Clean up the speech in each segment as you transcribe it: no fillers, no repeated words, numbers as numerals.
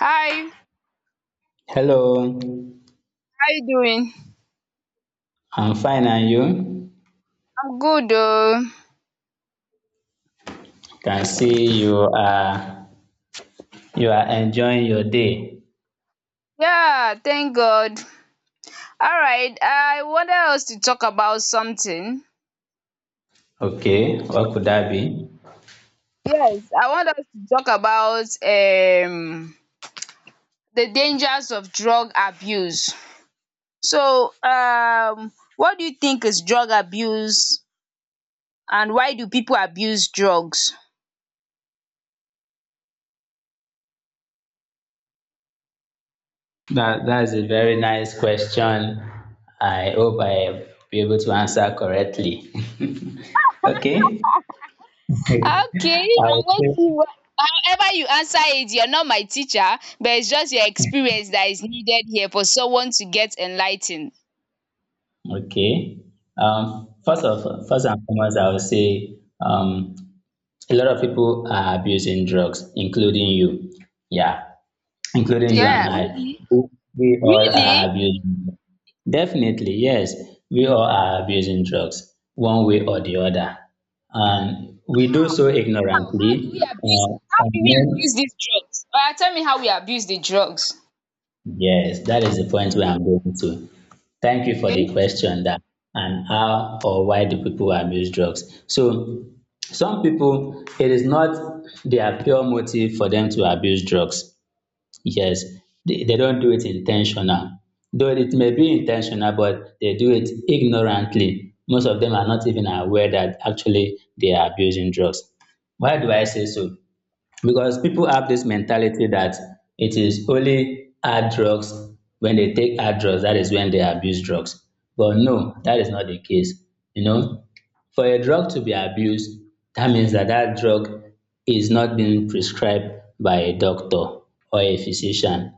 Hi, how Hello, you doing? I'm fine and you? I'm good oh. Can see you are enjoying your day. Yeah, thank God. Alright, I wanted us to talk about something. Okay, what could that be? Yes, I want us to talk about the dangers of drug abuse. So, what do you think is drug abuse and why do people abuse drugs? That's a very nice question. I hope I be able to answer correctly. Okay. Okay, I I'm will say waiting wha however you answer it, you're not my teacher, but it's just your experience that is needed here for someone to get enlightened. okay. Yeah. First and foremost, I would say a lot of people are abusing drugs, including you. Yeah, including you and Yeah, I, really? who- We all Really? are abusing drugs. Definitely, yes, we all are abusing drugs, one way or the other. And we do so How? Ignorantly. How do we abuse these drugs? Tell me how we abuse the drugs. Yes, that is the point where I'm going to. Thank you for Okay. the question that and how or why do people abuse drugs? So some people it is not their pure motive for them to abuse drugs. Yes, they don't do it intentional. Though it may be intentional, but they do it ignorantly. Most of them are not even aware that actually they are abusing drugs. Why do I say so? Because people have this mentality that it is only hard drugs, when they take hard drugs that is when they abuse drugs. But no, that is not the case, you know. For a drug to be abused, that means that that drug is not being prescribed by a doctor or a physician.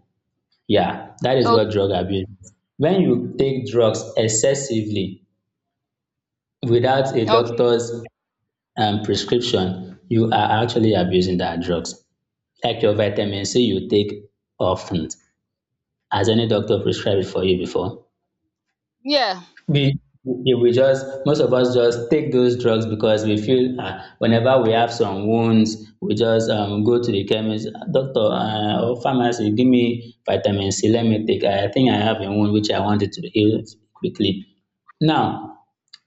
Yeah, that is what drug Okay. abuse is. When you take drugs excessively without a Okay. doctor's prescription, you are actually abusing that drugs. Like your vitamin C you take often, has any doctor prescribed it for you before? Yeah. We we we just, most of us just take those drugs because we feel, ah, whenever we have some wounds, we just go to the chemist, "Ah, doctor, or pharmacy, give me vitamin C, let me take, I think I have a wound which I wanted to heal quickly." Now,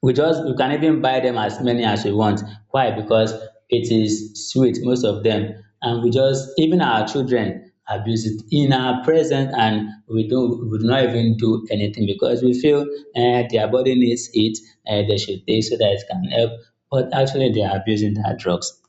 we just you can even buy them as many as you want. Why? Because it is sweet, most of them. And we just, even our children abuse it in our presence, and we do not even do anything because we feel, eh, their body needs it, eh, they should take so that it can help. But actually they are abusing their drugs.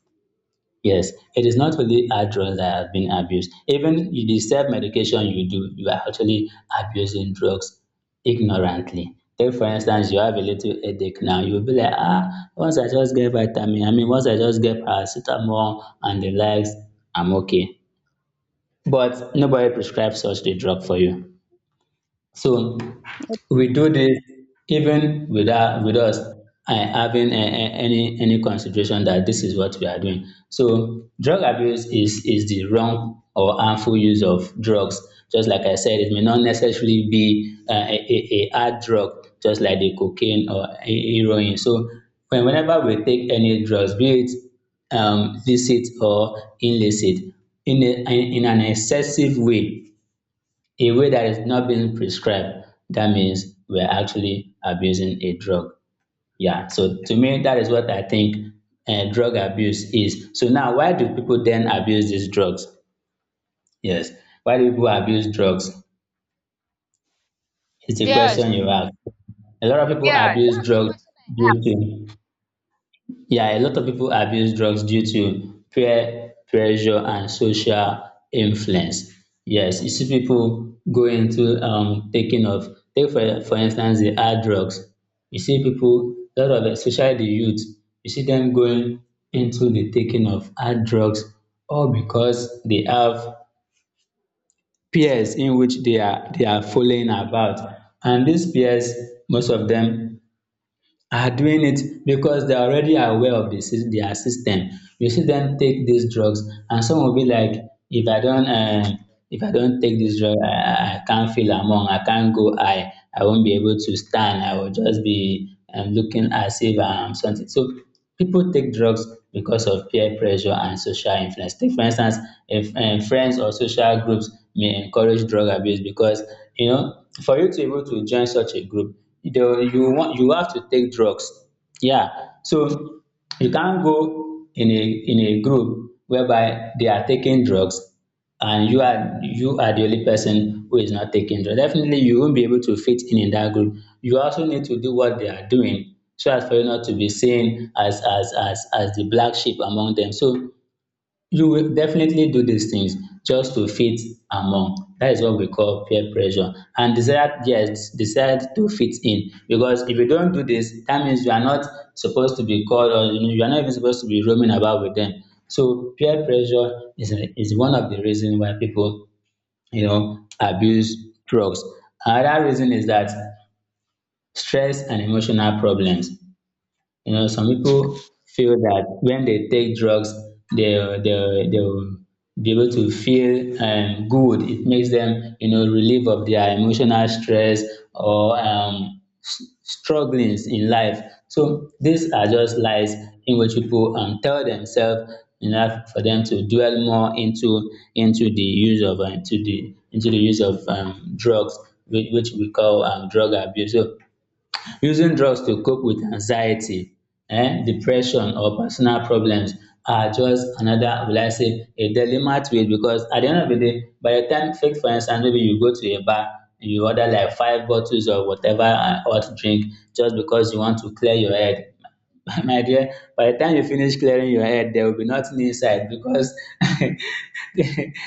Yes, it is not only hard drugs that have been abused. Even the self-medication you do, you are actually abusing drugs ignorantly. Take for instance, you have a little headache now, you'll be like, ah, once I just get paracetamol and the likes, I'm okay. But nobody prescribes such a drug for you. So we do this even without with us having any consideration that this is what we are doing. So drug abuse is the wrong or harmful use of drugs. Just like I said, it may not necessarily be a hard drug just like the cocaine or heroin. So whenever we take any drugs, be it licit or illicit, in a in an excessive way, a way that is not being prescribed, that means we're actually abusing a drug. Yeah, so to me, that is what I think drug abuse is. So now, why do people then abuse these drugs? Yes, why do people abuse drugs? It's a Yes. question you ask. A lot of people Yeah, abuse that's the drugs question. due to Yeah, a lot of people abuse drugs due to peer pressure and social influence. Yes, you see people go into take for instance, the hard drugs. You see people, a lot of, especially the youth, you see them going into the taking of hard drugs, all because they have peers in which they are following about. And these peers, most of them are doing it because they are already aware of the their system. You see them take these drugs, and some will be like, if I don't, um, if I don't take this drug, I can't feel among, I can't go high, I won't be able to stand. I will just be looking as if I'm something. So people take drugs because of peer pressure and social influence. Take for instance, if friends or social groups may encourage drug abuse because, you know, for you to be able to join such a group, the you want you have to take drugs. Yeah. So you can't go in a group whereby they are taking drugs and you are the only person who is not taking drugs. Definitely you won't be able to fit in that group. You also need to do what they are doing so as for you not to be seen as the black sheep among them. So you will definitely do these things just to fit among. That is what we call peer pressure and desire, yes, desire to fit in, because if you don't do this, that means you are not supposed to be called, or you know, you are not even supposed to be roaming about with them. So peer pressure is one of the reasons why people, you know, abuse drugs. Another reason is that stress and emotional problems. You know, some people feel that when they take drugs, they'll be able to feel, good. It makes them, you know, relieve of their emotional stress or strugglings in life. So these are just lies in which people, tell themselves enough for them to dwell more into the use of into the use of drugs, which we call drug abuse. So using drugs to cope with anxiety, depression or personal problems are just another, will I say, a delimate way, because at the end of the day, by the time, take for instance, maybe you go to a bar and you order like five bottles or whatever hot drink, just because you want to clear your head. My dear, by the time you finish clearing your head, there will be nothing inside, because the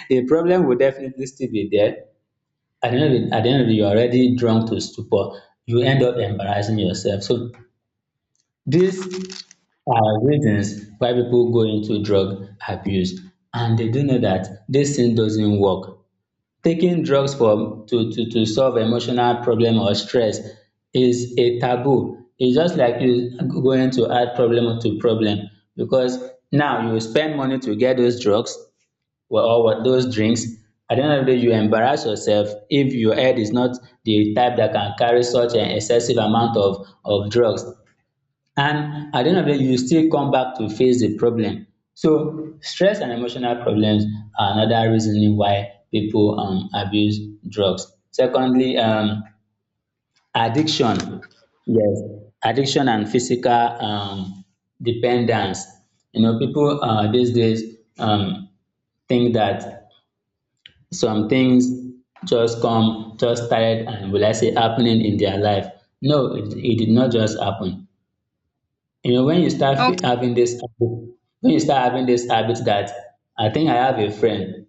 the problem will definitely still be there. At the end of the day, you're already drunk to stupor. You end up embarrassing yourself. So these are reasons why people go into drug abuse, and they do know that this thing doesn't work. Taking drugs to solve emotional problem or stress is a taboo. It's just like you going to add problem to problem, because now you spend money to get those drugs, well, or what, those drinks. At the end of the day, you embarrass yourself if your head is not the type that can carry such an excessive amount of drugs. And at the end of the day, you still come back to face the problem. So stress and emotional problems are another reason why people abuse drugs. Secondly, addiction. Yes, addiction and physical dependence. You know, people these days think that some things just started and, will I say, happening in their life. No, it did not just happen. You know, when you start fe- Okay. having this habit- when you start having this habit that, I think I have a friend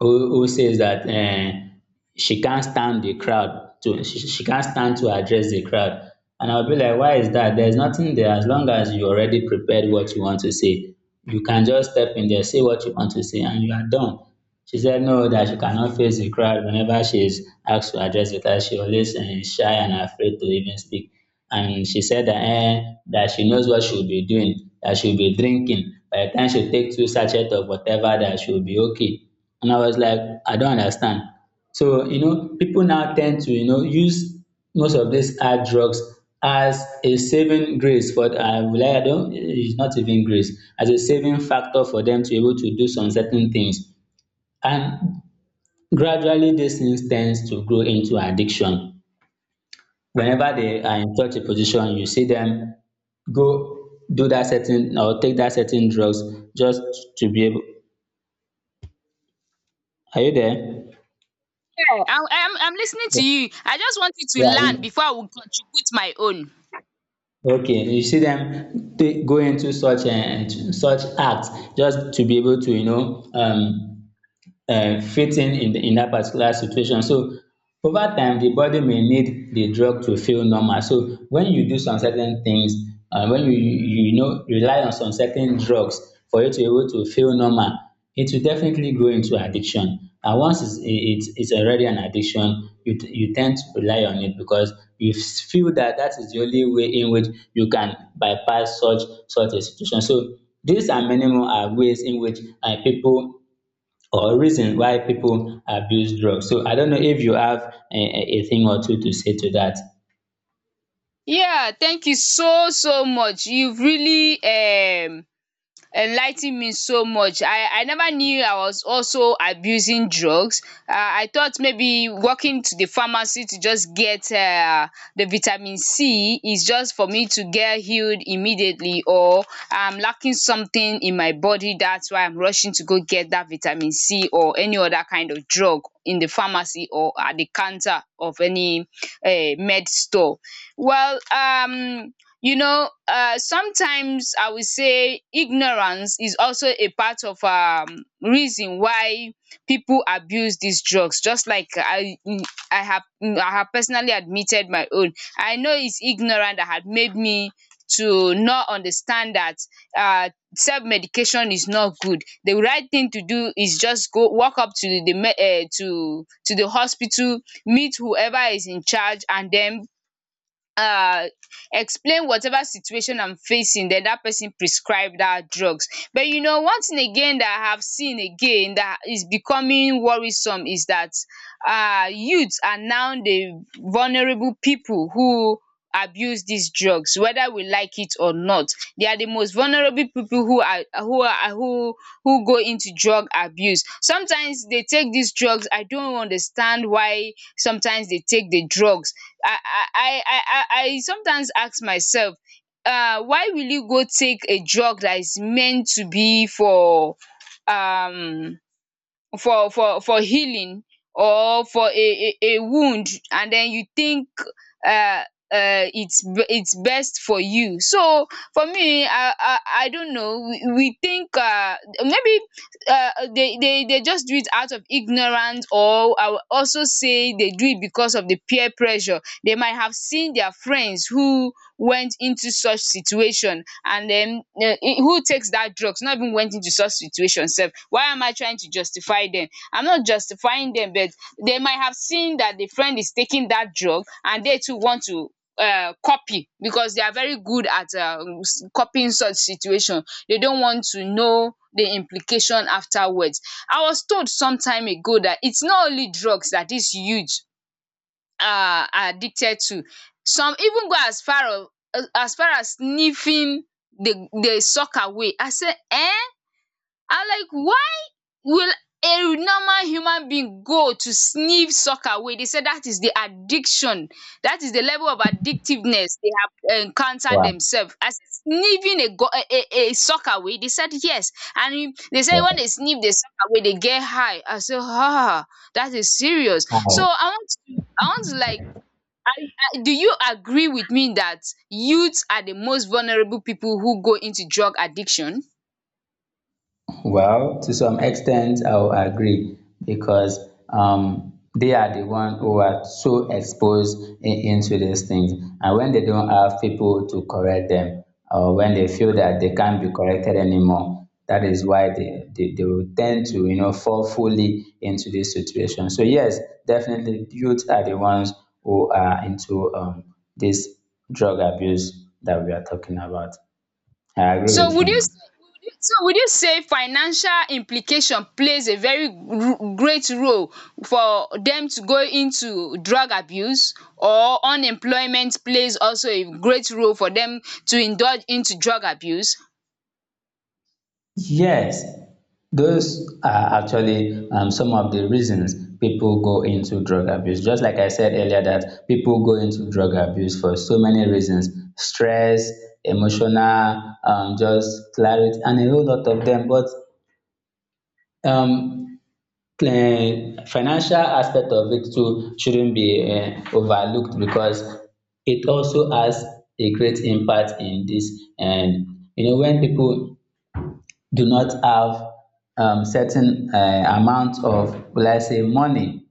who says that, eh, she can't stand to address the crowd. And I'll be like, why is that? There's nothing there, as long as you already prepared what you want to say. You can just step in there, say what you want to say, and you are done. She said no, that she cannot face the crowd whenever she is asked to address, because she always, eh, shy and afraid to even speak. And she said that, eh, that she knows what she will be doing, that she will be drinking. By the time she take two sachets of whatever, that she will be okay. And I was like, I don't understand. So you know, people now tend to, you know, use most of these hard drugs as a saving grace, for, I will I don't it's not even grace, as a saving factor for them to be able to do some certain things, and gradually these things tends to grow into addiction. Whenever they are in such a position, you see them go do that certain or take that certain drugs just to be able. Are you there? Yeah. I'm listening Yeah. to you. I just want you to learn before I will contribute my own. Okay. You see them take, go into such and such acts just to be able to, you know, fitting in that particular situation. So over time the body may need the drug to feel normal. So when you do some certain things when you know rely on some certain drugs for you to be able to feel normal, it will definitely go into addiction. And once it's already an addiction, you tend to rely on it because feel that that is the only way in which you can bypass such such a situation. So these and many more are ways in which pipu or reason why people abuse drugs. So I don't know if you have a thing or two to say to that. Yeah, thank you so so much. You've really enligh ten me so much. I never knew I was also abusing drugs. I thought maybe walking to the pharmacy to just get the vitamin C is just for me to get healed immediately, or I'm lacking something in my body, that's why I'm rushing to go get that vitamin C or any other kind of drug in the pharmacy or at the counter of any med store. Well, you know, sometimes I would say ignorance is also a part of reason why people abuse these drugs. Just like I have I have personally admitted my own. I know it's ignorant that had made me to not understand that um self medication is not good. The right thing to do is just go walk up to the to the hospital, meet whoever is in charge, and then um explain whatever situation I'm facing, den dat person prescribe dat drugs. But you know, one thing again dat I have seen again dat is becoming worrisome is dat youths are now the vulnerable people who abuse dis drugs. Whether we like it or not, they are the most vulnerable people who are who are who go into drug abuse. Sometimes they take dis drugs, I don't understand why. Sometimes they take the drugs, I I I I I sometimes ask myself, why will you go take a drug that is meant to be for um for healing or for a wound, and den you think um its best for you. So for me, I don't know. We think maybe dey just do it out of ignorance, or I will also say dey do it because of the peer pressure. They might have seen their friends who went into such situation, and then who takes that drugs. Not even went into such situation sef. Why am I trying to justify them? I'm not justifying them, but they might have seen that the friend is taking that drug, and they too want to copy, because they are very good at copying such situation. They don't want to know the implication afterwards. I was told some time ago that it's not only drugs that is huge are addicted to. Some even go as far of as far as sniffing the sock away. I say eh? I'm like, why will a normal human being go to sniff sock away? They say that is the addiction. That is the level of addictiveness they have encountered Wow, themselves. As sniffing a go a sock away? They said yes, and e they say when wow. they sniff the sock away, they get high. I say that is serious. So Hi. I want to like I, do you agree with me that youths are the most vulnerable people who go into drug addiction? Well, to some extent, I will agree, because they are the one who are so exposed into these things, and when they don't have people to correct them, or when they feel that they can't be corrected anymore, that is why they will tend to you know fall fully into this situation. So yes, definitely, youth are the ones who are into this drug abuse that we are talking about. I agree So with would you you. say, would you say financial implication plays a very great role for them to go into drug abuse, or unemployment plays also a great role for them to indulge into drug abuse? Yes, those are actually some of the reasons people go into drug abuse. Just like I said earlier, that people go into drug abuse for so many reasons: stress, emotional, just clarity, and a whole lot of them. But um, financial aspect of it too shouldn't be overlooked because it also has a great impact in this. And you know when people do not have certain amount of, will I say, money.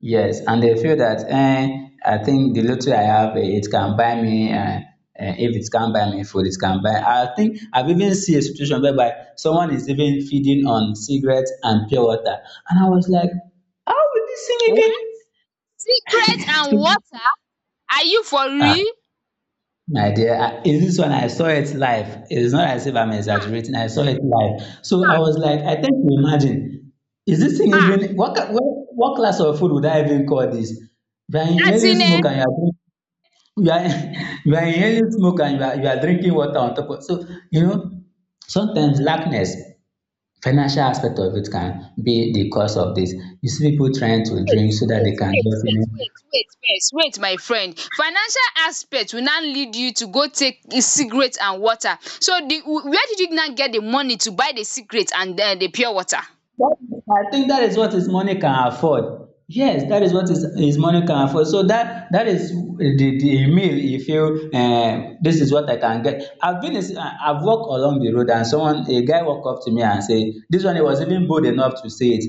Yes, and they feel that eh, I think the little I have, eh, it can buy me. If it can buy me food, it can buy. I think I've even seen a situation whereby someone is even feeding on cigarettes and pure water, and I was like, how will this thing What, even? cigarettes and water? Are you for Ah, real? my dear, is this one? I saw it live. It's not as if I'm Ah, exaggerating. I saw it live. So I was like, I think you imagine, is this thing even ah, what class of food would I even call this? You are as inhaling in eh, smoke and you are you are inhaling smoke and you are drinking water on top of. So you know, sometimes lackness, financial aspect of it can be the cause of this. You see people trying to wait drink so that wait they can wait just you wait know. wait wait first, wait my friend. Financial aspect will now lead you to go take the cigarette and water? So the, where did you now get the money to buy the cigarette and the pure water? That- I think that is what his money can afford. Yes, that is what his money can afford. So that is the meal he feel, this is what I can get. I've been is- I- I've walked along the road and someone a guy walked up to me and say this one. He was even bold enough to say it.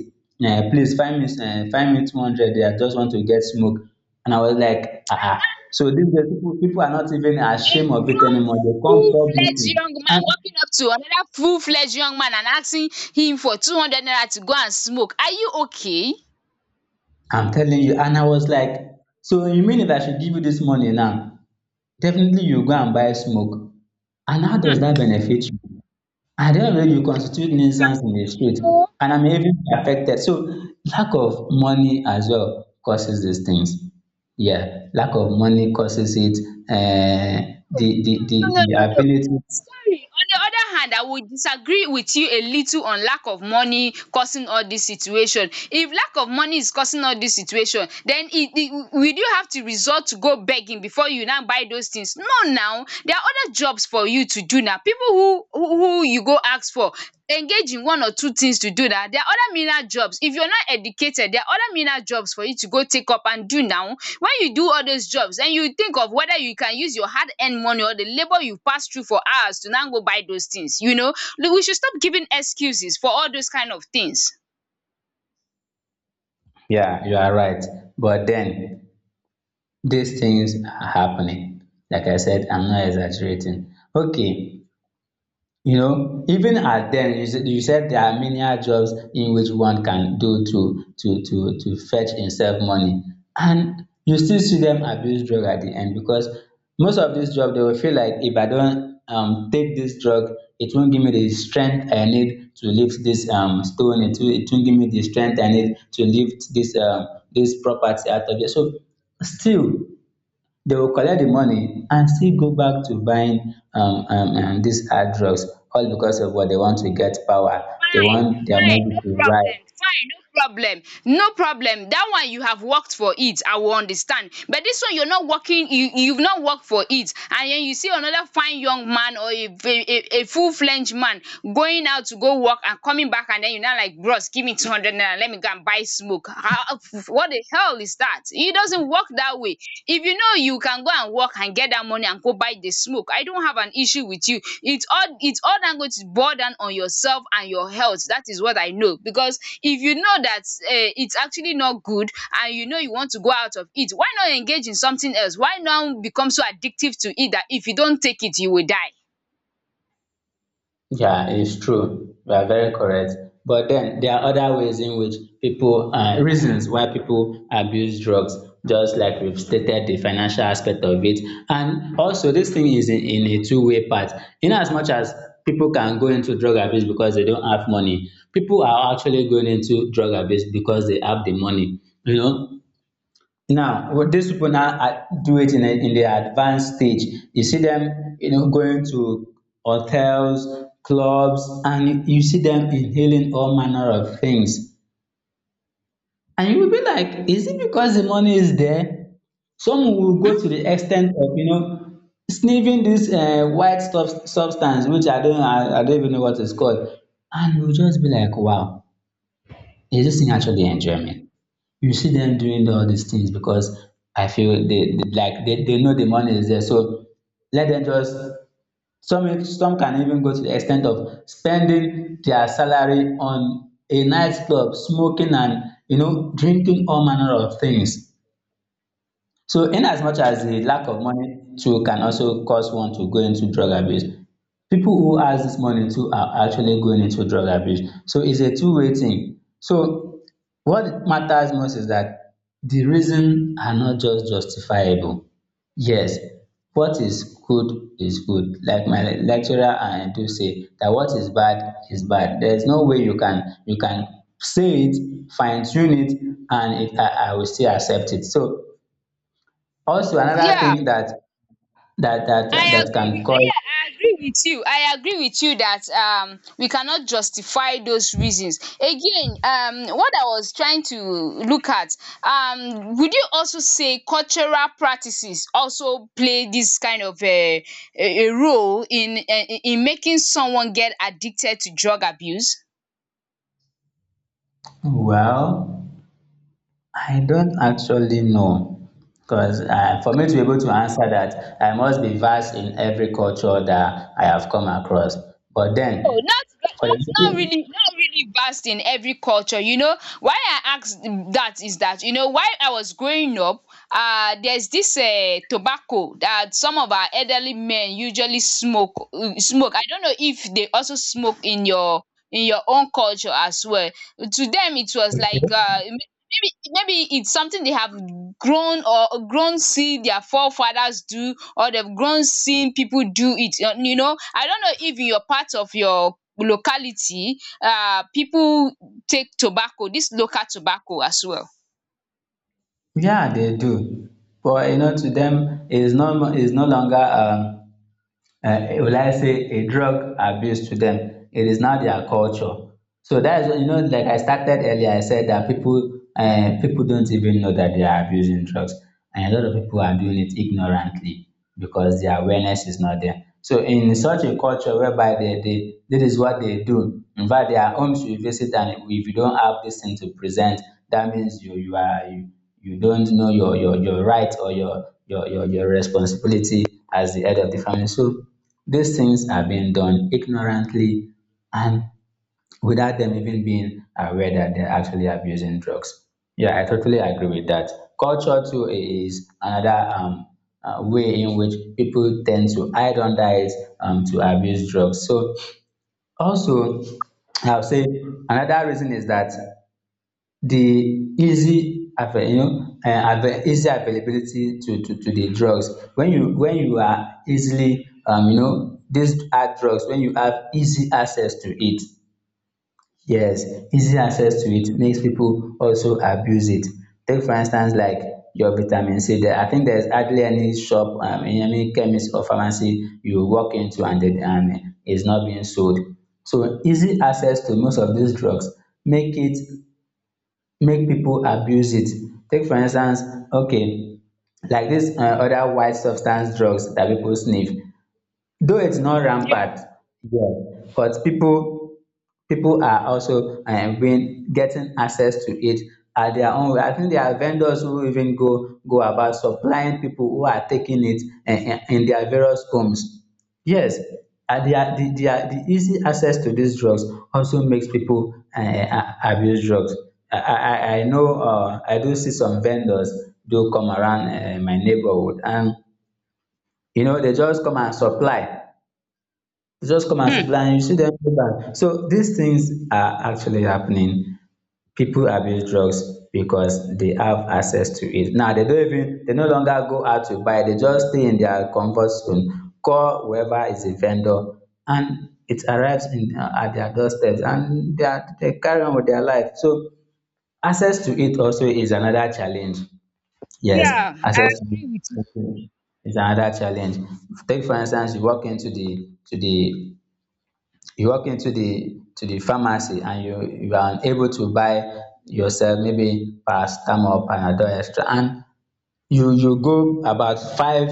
Please find me 200 there. I just want to get smoke. And I was like, ah, ah. So these days, people are not even A ashamed of it grown anymore. They come full-fledged publicly, young man and walking up to another full-fledged young man and asking him for 200 naira to go and smoke, are you okay? I'm telling you. And I was like, so you mean if I should give you this money now, definitely you go and buy smoke. And how um does that benefit you? At the end of the day, you constitute nuisance in exactly, the you street. know. And I'm even affected. So lack of money as well causes these things. Yeah, lack of money causes it. No, no, The no. no. ability. Sorry. On the other hand, I would disagree with you a little on lack of money causing all this situation. If lack of money is causing all this situation, then it will you have to resort to go begging before you now buy those things? No, now there are other jobs for you to do now. People who you go ask for engage in one or two things to do that. There are other menial jobs. If you're not educated, there are other menial jobs for you to go take up and do now. When you do all those jobs, den you think of whether you can use your hard earned money or the labour you pass through for hours to now go buy those things, you know. We should stop giving excuses for all those kind of things. Yeah, you are right. But then these things are happening. Like I said, I'm not exaggerating. Okay, you know, even at then, you said there are menial jobs in which one can do to fetch himself money, and you still see them abuse drug at the end, because most of this job they will feel like if I don't take this drug, it won't give me the strength I need to lift this stone. It won't give me the strength I need to lift this this property out of here. So still they will collect the money and still go back to buying these hard drugs, all because of what they want to get. Power, they want their money No to rise. problem. No problem. That one you have worked for it, I will understand. But this one you're not working, you've not worked for it, and then you see another fine young man or a full fledged man going out to go work and coming back, and then you're not like, bros, give me 200 naira, let me go and buy smoke. How, what the hell is that? It doesn't work that way. If you know you can go and work and get that money and go buy the smoke, I don't have an issue with you. It's all that going to boil down on yourself and your health. That is what I know. Because if you know that it's actually not good, and you know you want to go out of it, why not engage in something else? Why not become so addictive to it that if you don't take it, you will die? Yeah, it's true. You are very correct. But then there are other ways in which reasons why people abuse drugs, just like we've stated the financial aspect of it. And also, this thing is in a two-way path. In as much as people can go into drug abuse because they don't have money, people are actually going into drug abuse because they have the money. You know, now, with these people now do it in the advanced stage. You see them, you know, going to hotels, clubs, and you see them inhaling all manner of things. And you will be like, is it because the money is there? Some will go to the extent of, you know, sniffing this uh, white substance, which I don't even know what it's called. And we'll just be like, wow, is this thing actually the enjoyment? You see them doing all these things because I feel they know the money is there. So let them just some can even go to the extent of spending their salary on a nightclub, smoking and you know drinking all manner of things. So in as much as the lack of money too can also cause one to go into drug abuse, people who has this money too are actually going into drug abuse. So it's a two-way thing. So what matters most is that the reason are not just justifiable. Yes, what is good is good. Like my lecturer and I do say that what is bad is bad. There is no way you can say it, fine tune it, and it I will still accept it. So also, Hmm? another Yeah. thing that I that agree can with I cause. yeah, I agree with you. I agree with you that we cannot justify those reasons. Again, what I was trying to look at, would you also say cultural practices also play this kind of a role in making someone get addicted to drug abuse? Well, I don't actually know, because for me to be able to answer that, I must be versed in every culture that I have come across. But No, then, not for the not not people. really, not really vast in every culture. You know why I ask that is that, you know, while I was growing up, there's this tobacco that some of our elderly men usually smoke, I don't know if they also smoke in your own culture as well. To them, it was like Okay. Maybe it's something they have grown or grown see their forefathers do, or they've grown seeing people do it. You know, I don't know if in your part of your locality, people take tobacco, this local tobacco as well. Yeah, they do. But you know, to them, it is no longer. Will I say a drug abuse to them. It is not their culture. So that is, what, you know, like I started earlier, I said that people don't even know that they are abusing drugs, and a lot of people are doing it ignorantly because their awareness is not there. So in such a culture whereby they this is what they do. In fact, there are homes you visit, and if you don't have this thing to present, that means you don't know your right or your responsibility as the head of the family. So these things are being done ignorantly and without them even being aware that they're actually abusing drugs. Yeah, I totally agree with that. Culture too is another way in which people tend to hide under it to abuse drugs. So also, I'll say another reason is that the you know, easy availability to the drugs. When you are easily you know, these hard drugs, when you have easy access to it, yes, easy access to it makes people also abuse it. Take for instance, like your vitamin C there, I think there's hardly any shop, any chemist or pharmacy you walk into and it's not being sold. So easy access to most of these drugs make it make people abuse it. Take for instance, okay, like this other white substance drugs that people sniff, though it's not Yeah. rampant yet, but people are also being getting access to it at their own way. I think there are vendors who even go about supplying people who are taking it in their various homes. Yes, and the easy access to these drugs also makes people abuse drugs. I know, I do see some vendors do come around my neighborhood, and you know they just come and supply. You just come and Hmm. supply and you see them go back. So these things are actually happening. People abuse drugs because they have access to it. Now they don't even, they no longer go out to buy, they just stay in their comfort zone, call whoever is a vendor, and it arrives in at their doorsteps, and they carry on with their life. So access to it also is another challenge. Yes, Yeah, I access to agree with you. it is another challenge. Take for instance, you walk into the you walk into the to the pharmacy and you are unable to buy yourself maybe paracetamol panadol extra, and you go about five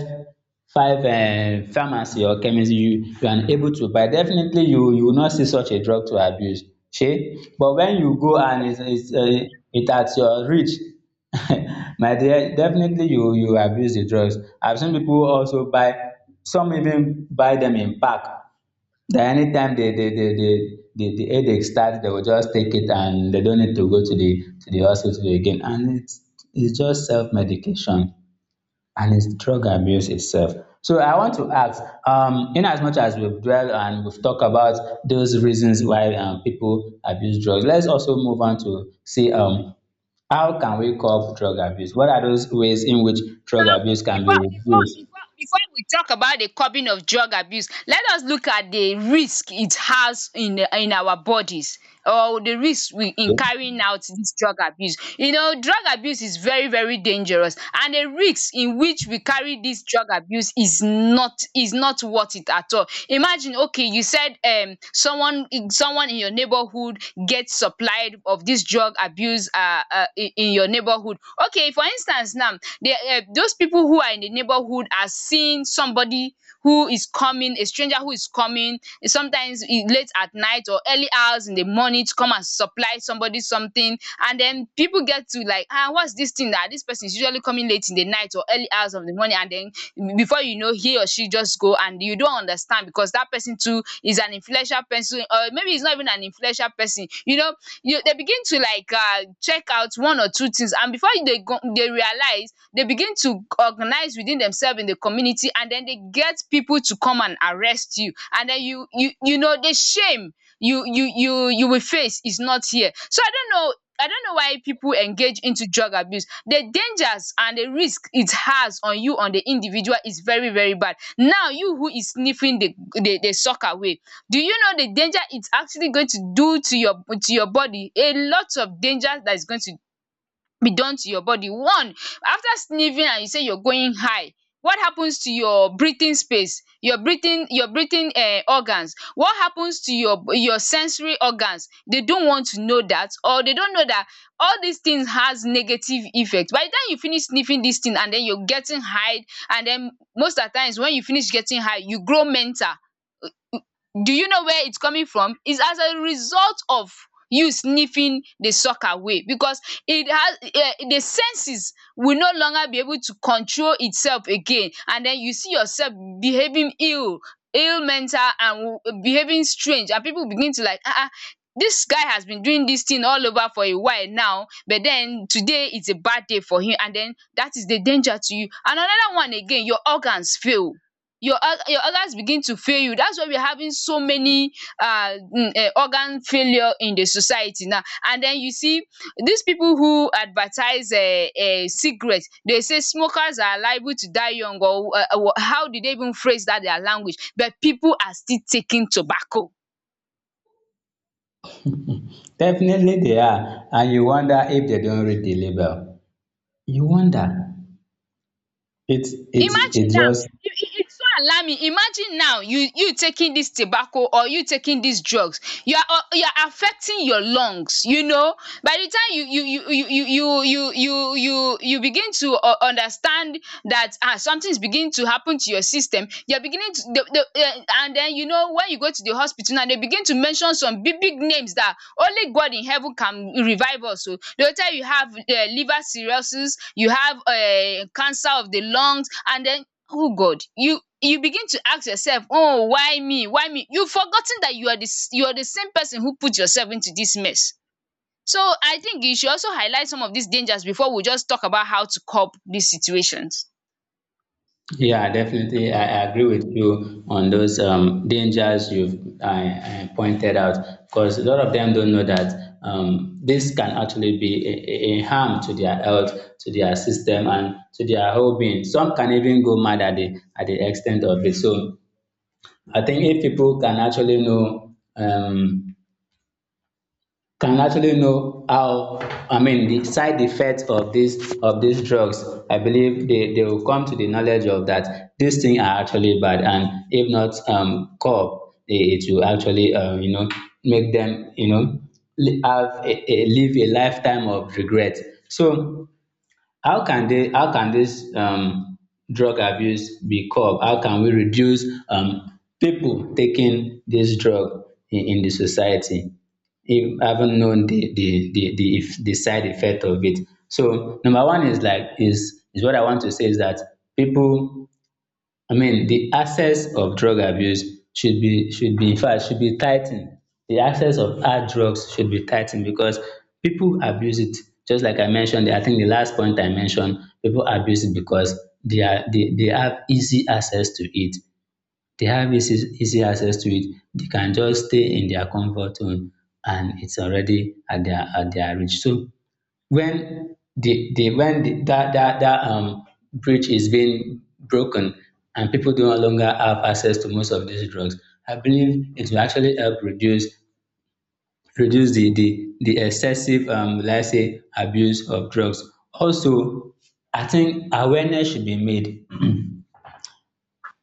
five um pharmacy or chemist, you are unable to buy. Definitely you will not see such a drug to abuse. Shey but when you go and it's is it at your reach my dear, definitely you abuse the drugs. I have seen people also buy, some even buy them in pack, that anytime the headache starts, they will just take it and they don't need to go to the hospital again, and it's just self-medication, and it's drug abuse itself. So I want to ask, in as much as we've dwelled and we've talked about those reasons why people abuse drugs, let's also move on to see how can we curb drug abuse? What are those ways in which drug Well, abuse can be reduced? Before we talk about the curbing of drug abuse, let us look at the risk it has in the- in our bodies, or the risk we in carrying out this drug abuse. You know, drug abuse is very very dangerous, and the risk in which we carry this drug abuse is not worth it at all. Imagine, okay, you said someone in your neighborhood gets supplied of this drug abuse, in your neighborhood. Okay, for instance now, the those people who are in the neighborhood are seeing somebody who is coming, a stranger who is coming, eh, sometimes e late at night or early hours in the morning, to come and supply somebody something, and then people get to like, ah, what's this thing that this person is usually coming late in the night or early hours of the morning, and then before you know, he or she just go, and you don't understand, because that person too is an influential person, or maybe he's not even an influential person, you know, you dey begin to like check out one or two things, and before they go, they realize, they begin to organize within themselves in the community, and then they get people to come and arrest you, and then you know the shame you you will face is not here. So I don't know, I don't know why people engage into drug abuse. The dangers and the risk it has on you on the individual is very very bad. Now you who is sniffing the sock away. Do you know the danger it's actually going to do to your body? A lot of danger that is going to be done to your body. One, after sniffing and you say you're going high, what happens to your breathing space, your breathing organs? What happens to your sensory organs? They don't want to know that, or they don't know that all these things has negative effect. By the time you finish sniffing this thing and then you're getting high, and then most at times when you finish getting high, you grow mental. Do you know where it's coming from? It's as a result of you sniffing the sock away because it has the senses will no longer be able to control itself again, and then you see yourself behaving ill, ill mental, and behaving strange. And people begin to like this guy has been doing this thing all over for a while now, but then today is a bad day for him. And then that is the danger to you. And another one again, your organs fail, your your organs begin to fail you. That's why we are having so many um organ failure in the society now. And den you see dis pipu who advertise cigarette dey say smokers are liable to die young, or how did they even phrase dat their language, but pipu are still taking tobacco. Definitely they are, and you wonder if they don't read the label. You wonder, it Imagine now, just. it's so alarming. Imagine now, you taking this tobacco or you taking these drugs, you are affecting your lungs, you know. By the time you you you you you you you you you you begin to understand that ah, something is beginning to happen to your system, you're beginning to the and then you know, when you go to the hospital now, they begin to mention some big big names that only God in heaven can revive us. So they will tell you have liver cirrhosis, you have cancer of the lungs, and then oh God, you begin to ask yourself, oh why me, why me. You have forgotten that you are the same person who put yourself into this mess. So I think you should also highlight some of these dangers before we just talk about how to cope these situations. Yeah, definitely I agree with you on those dangers you've I pointed out, because a lot of them don't know that this can actually be a a harm to their health, to their system, and to their whole being. Some can even go mad at the extent of it. So I think if people can actually know how I mean the side effects of this of these drugs. I believe they will come to the knowledge of that these things are actually bad, and if not curbed, it will actually you know, make them, you know, have a lifetime of regret. So how can this drug abuse be curbed? How can we reduce people taking this drug in the society, if haven't known the if- the side effect of it? So number one is like is what I want to say is that people, I mean, the access of drug abuse should be in fact should be tightened. The access of hard drugs should be tightened because people abuse it. Just like I mentioned, I think the last point I mentioned, people abuse it because they have easy access to it. They have easy access to it. They can just stay in their comfort zone and it's already at their reach. So when the when the, that that that bridge is being broken and people do no longer have access to most of these drugs, I believe it will actually help reduce the excessive, let's say, abuse of drugs. Also, I think awareness should be made,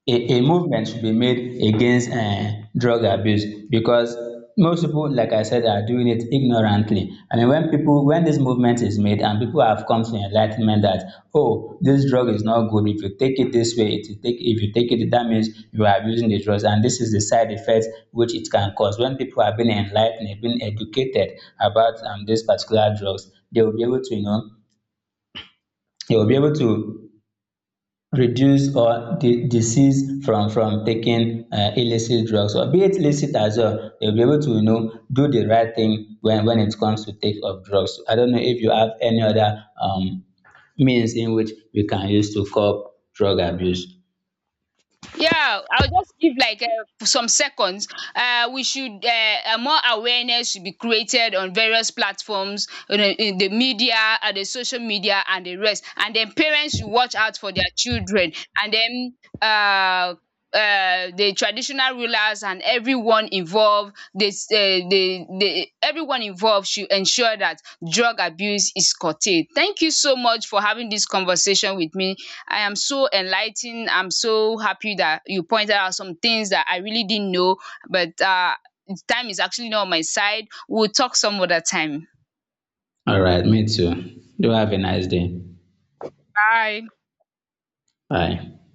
a movement should be made against drug abuse, because most people, like I said, are doing it ignorantly. I mean, when people, when this movement is made and people have come to enlightenment that, oh, this drug is not good. If you take it this way, it will take, if you take it, that means you are abusing the drugs. And this is the side effect which it can cause. When people have been enlightened, been educated about these particular drugs, they will be able to, you know, they will be able to reduce or disease from taking illicit drugs, or be it licit as well. They will be able to, you know, do the right thing when it comes to take of drugs. I don't know if you have any other means in which we can use to curb drug abuse. Yeah, I'll just give like some seconds. We should more awareness should be created on various platforms, you know, in the media, and the social media, and the rest. And then parents should watch out for their children. And then uh, the traditional rulers and everyone involved, this the everyone involved should ensure that drug abuse is curtailed. Thank you so much for having this conversation with me. I am so enlightened. I'm so happy that you pointed out some things that I really didn't know, but time is actually not on my side. We'll talk some other time. All right, me too. Do have a nice day. Bye. Bye.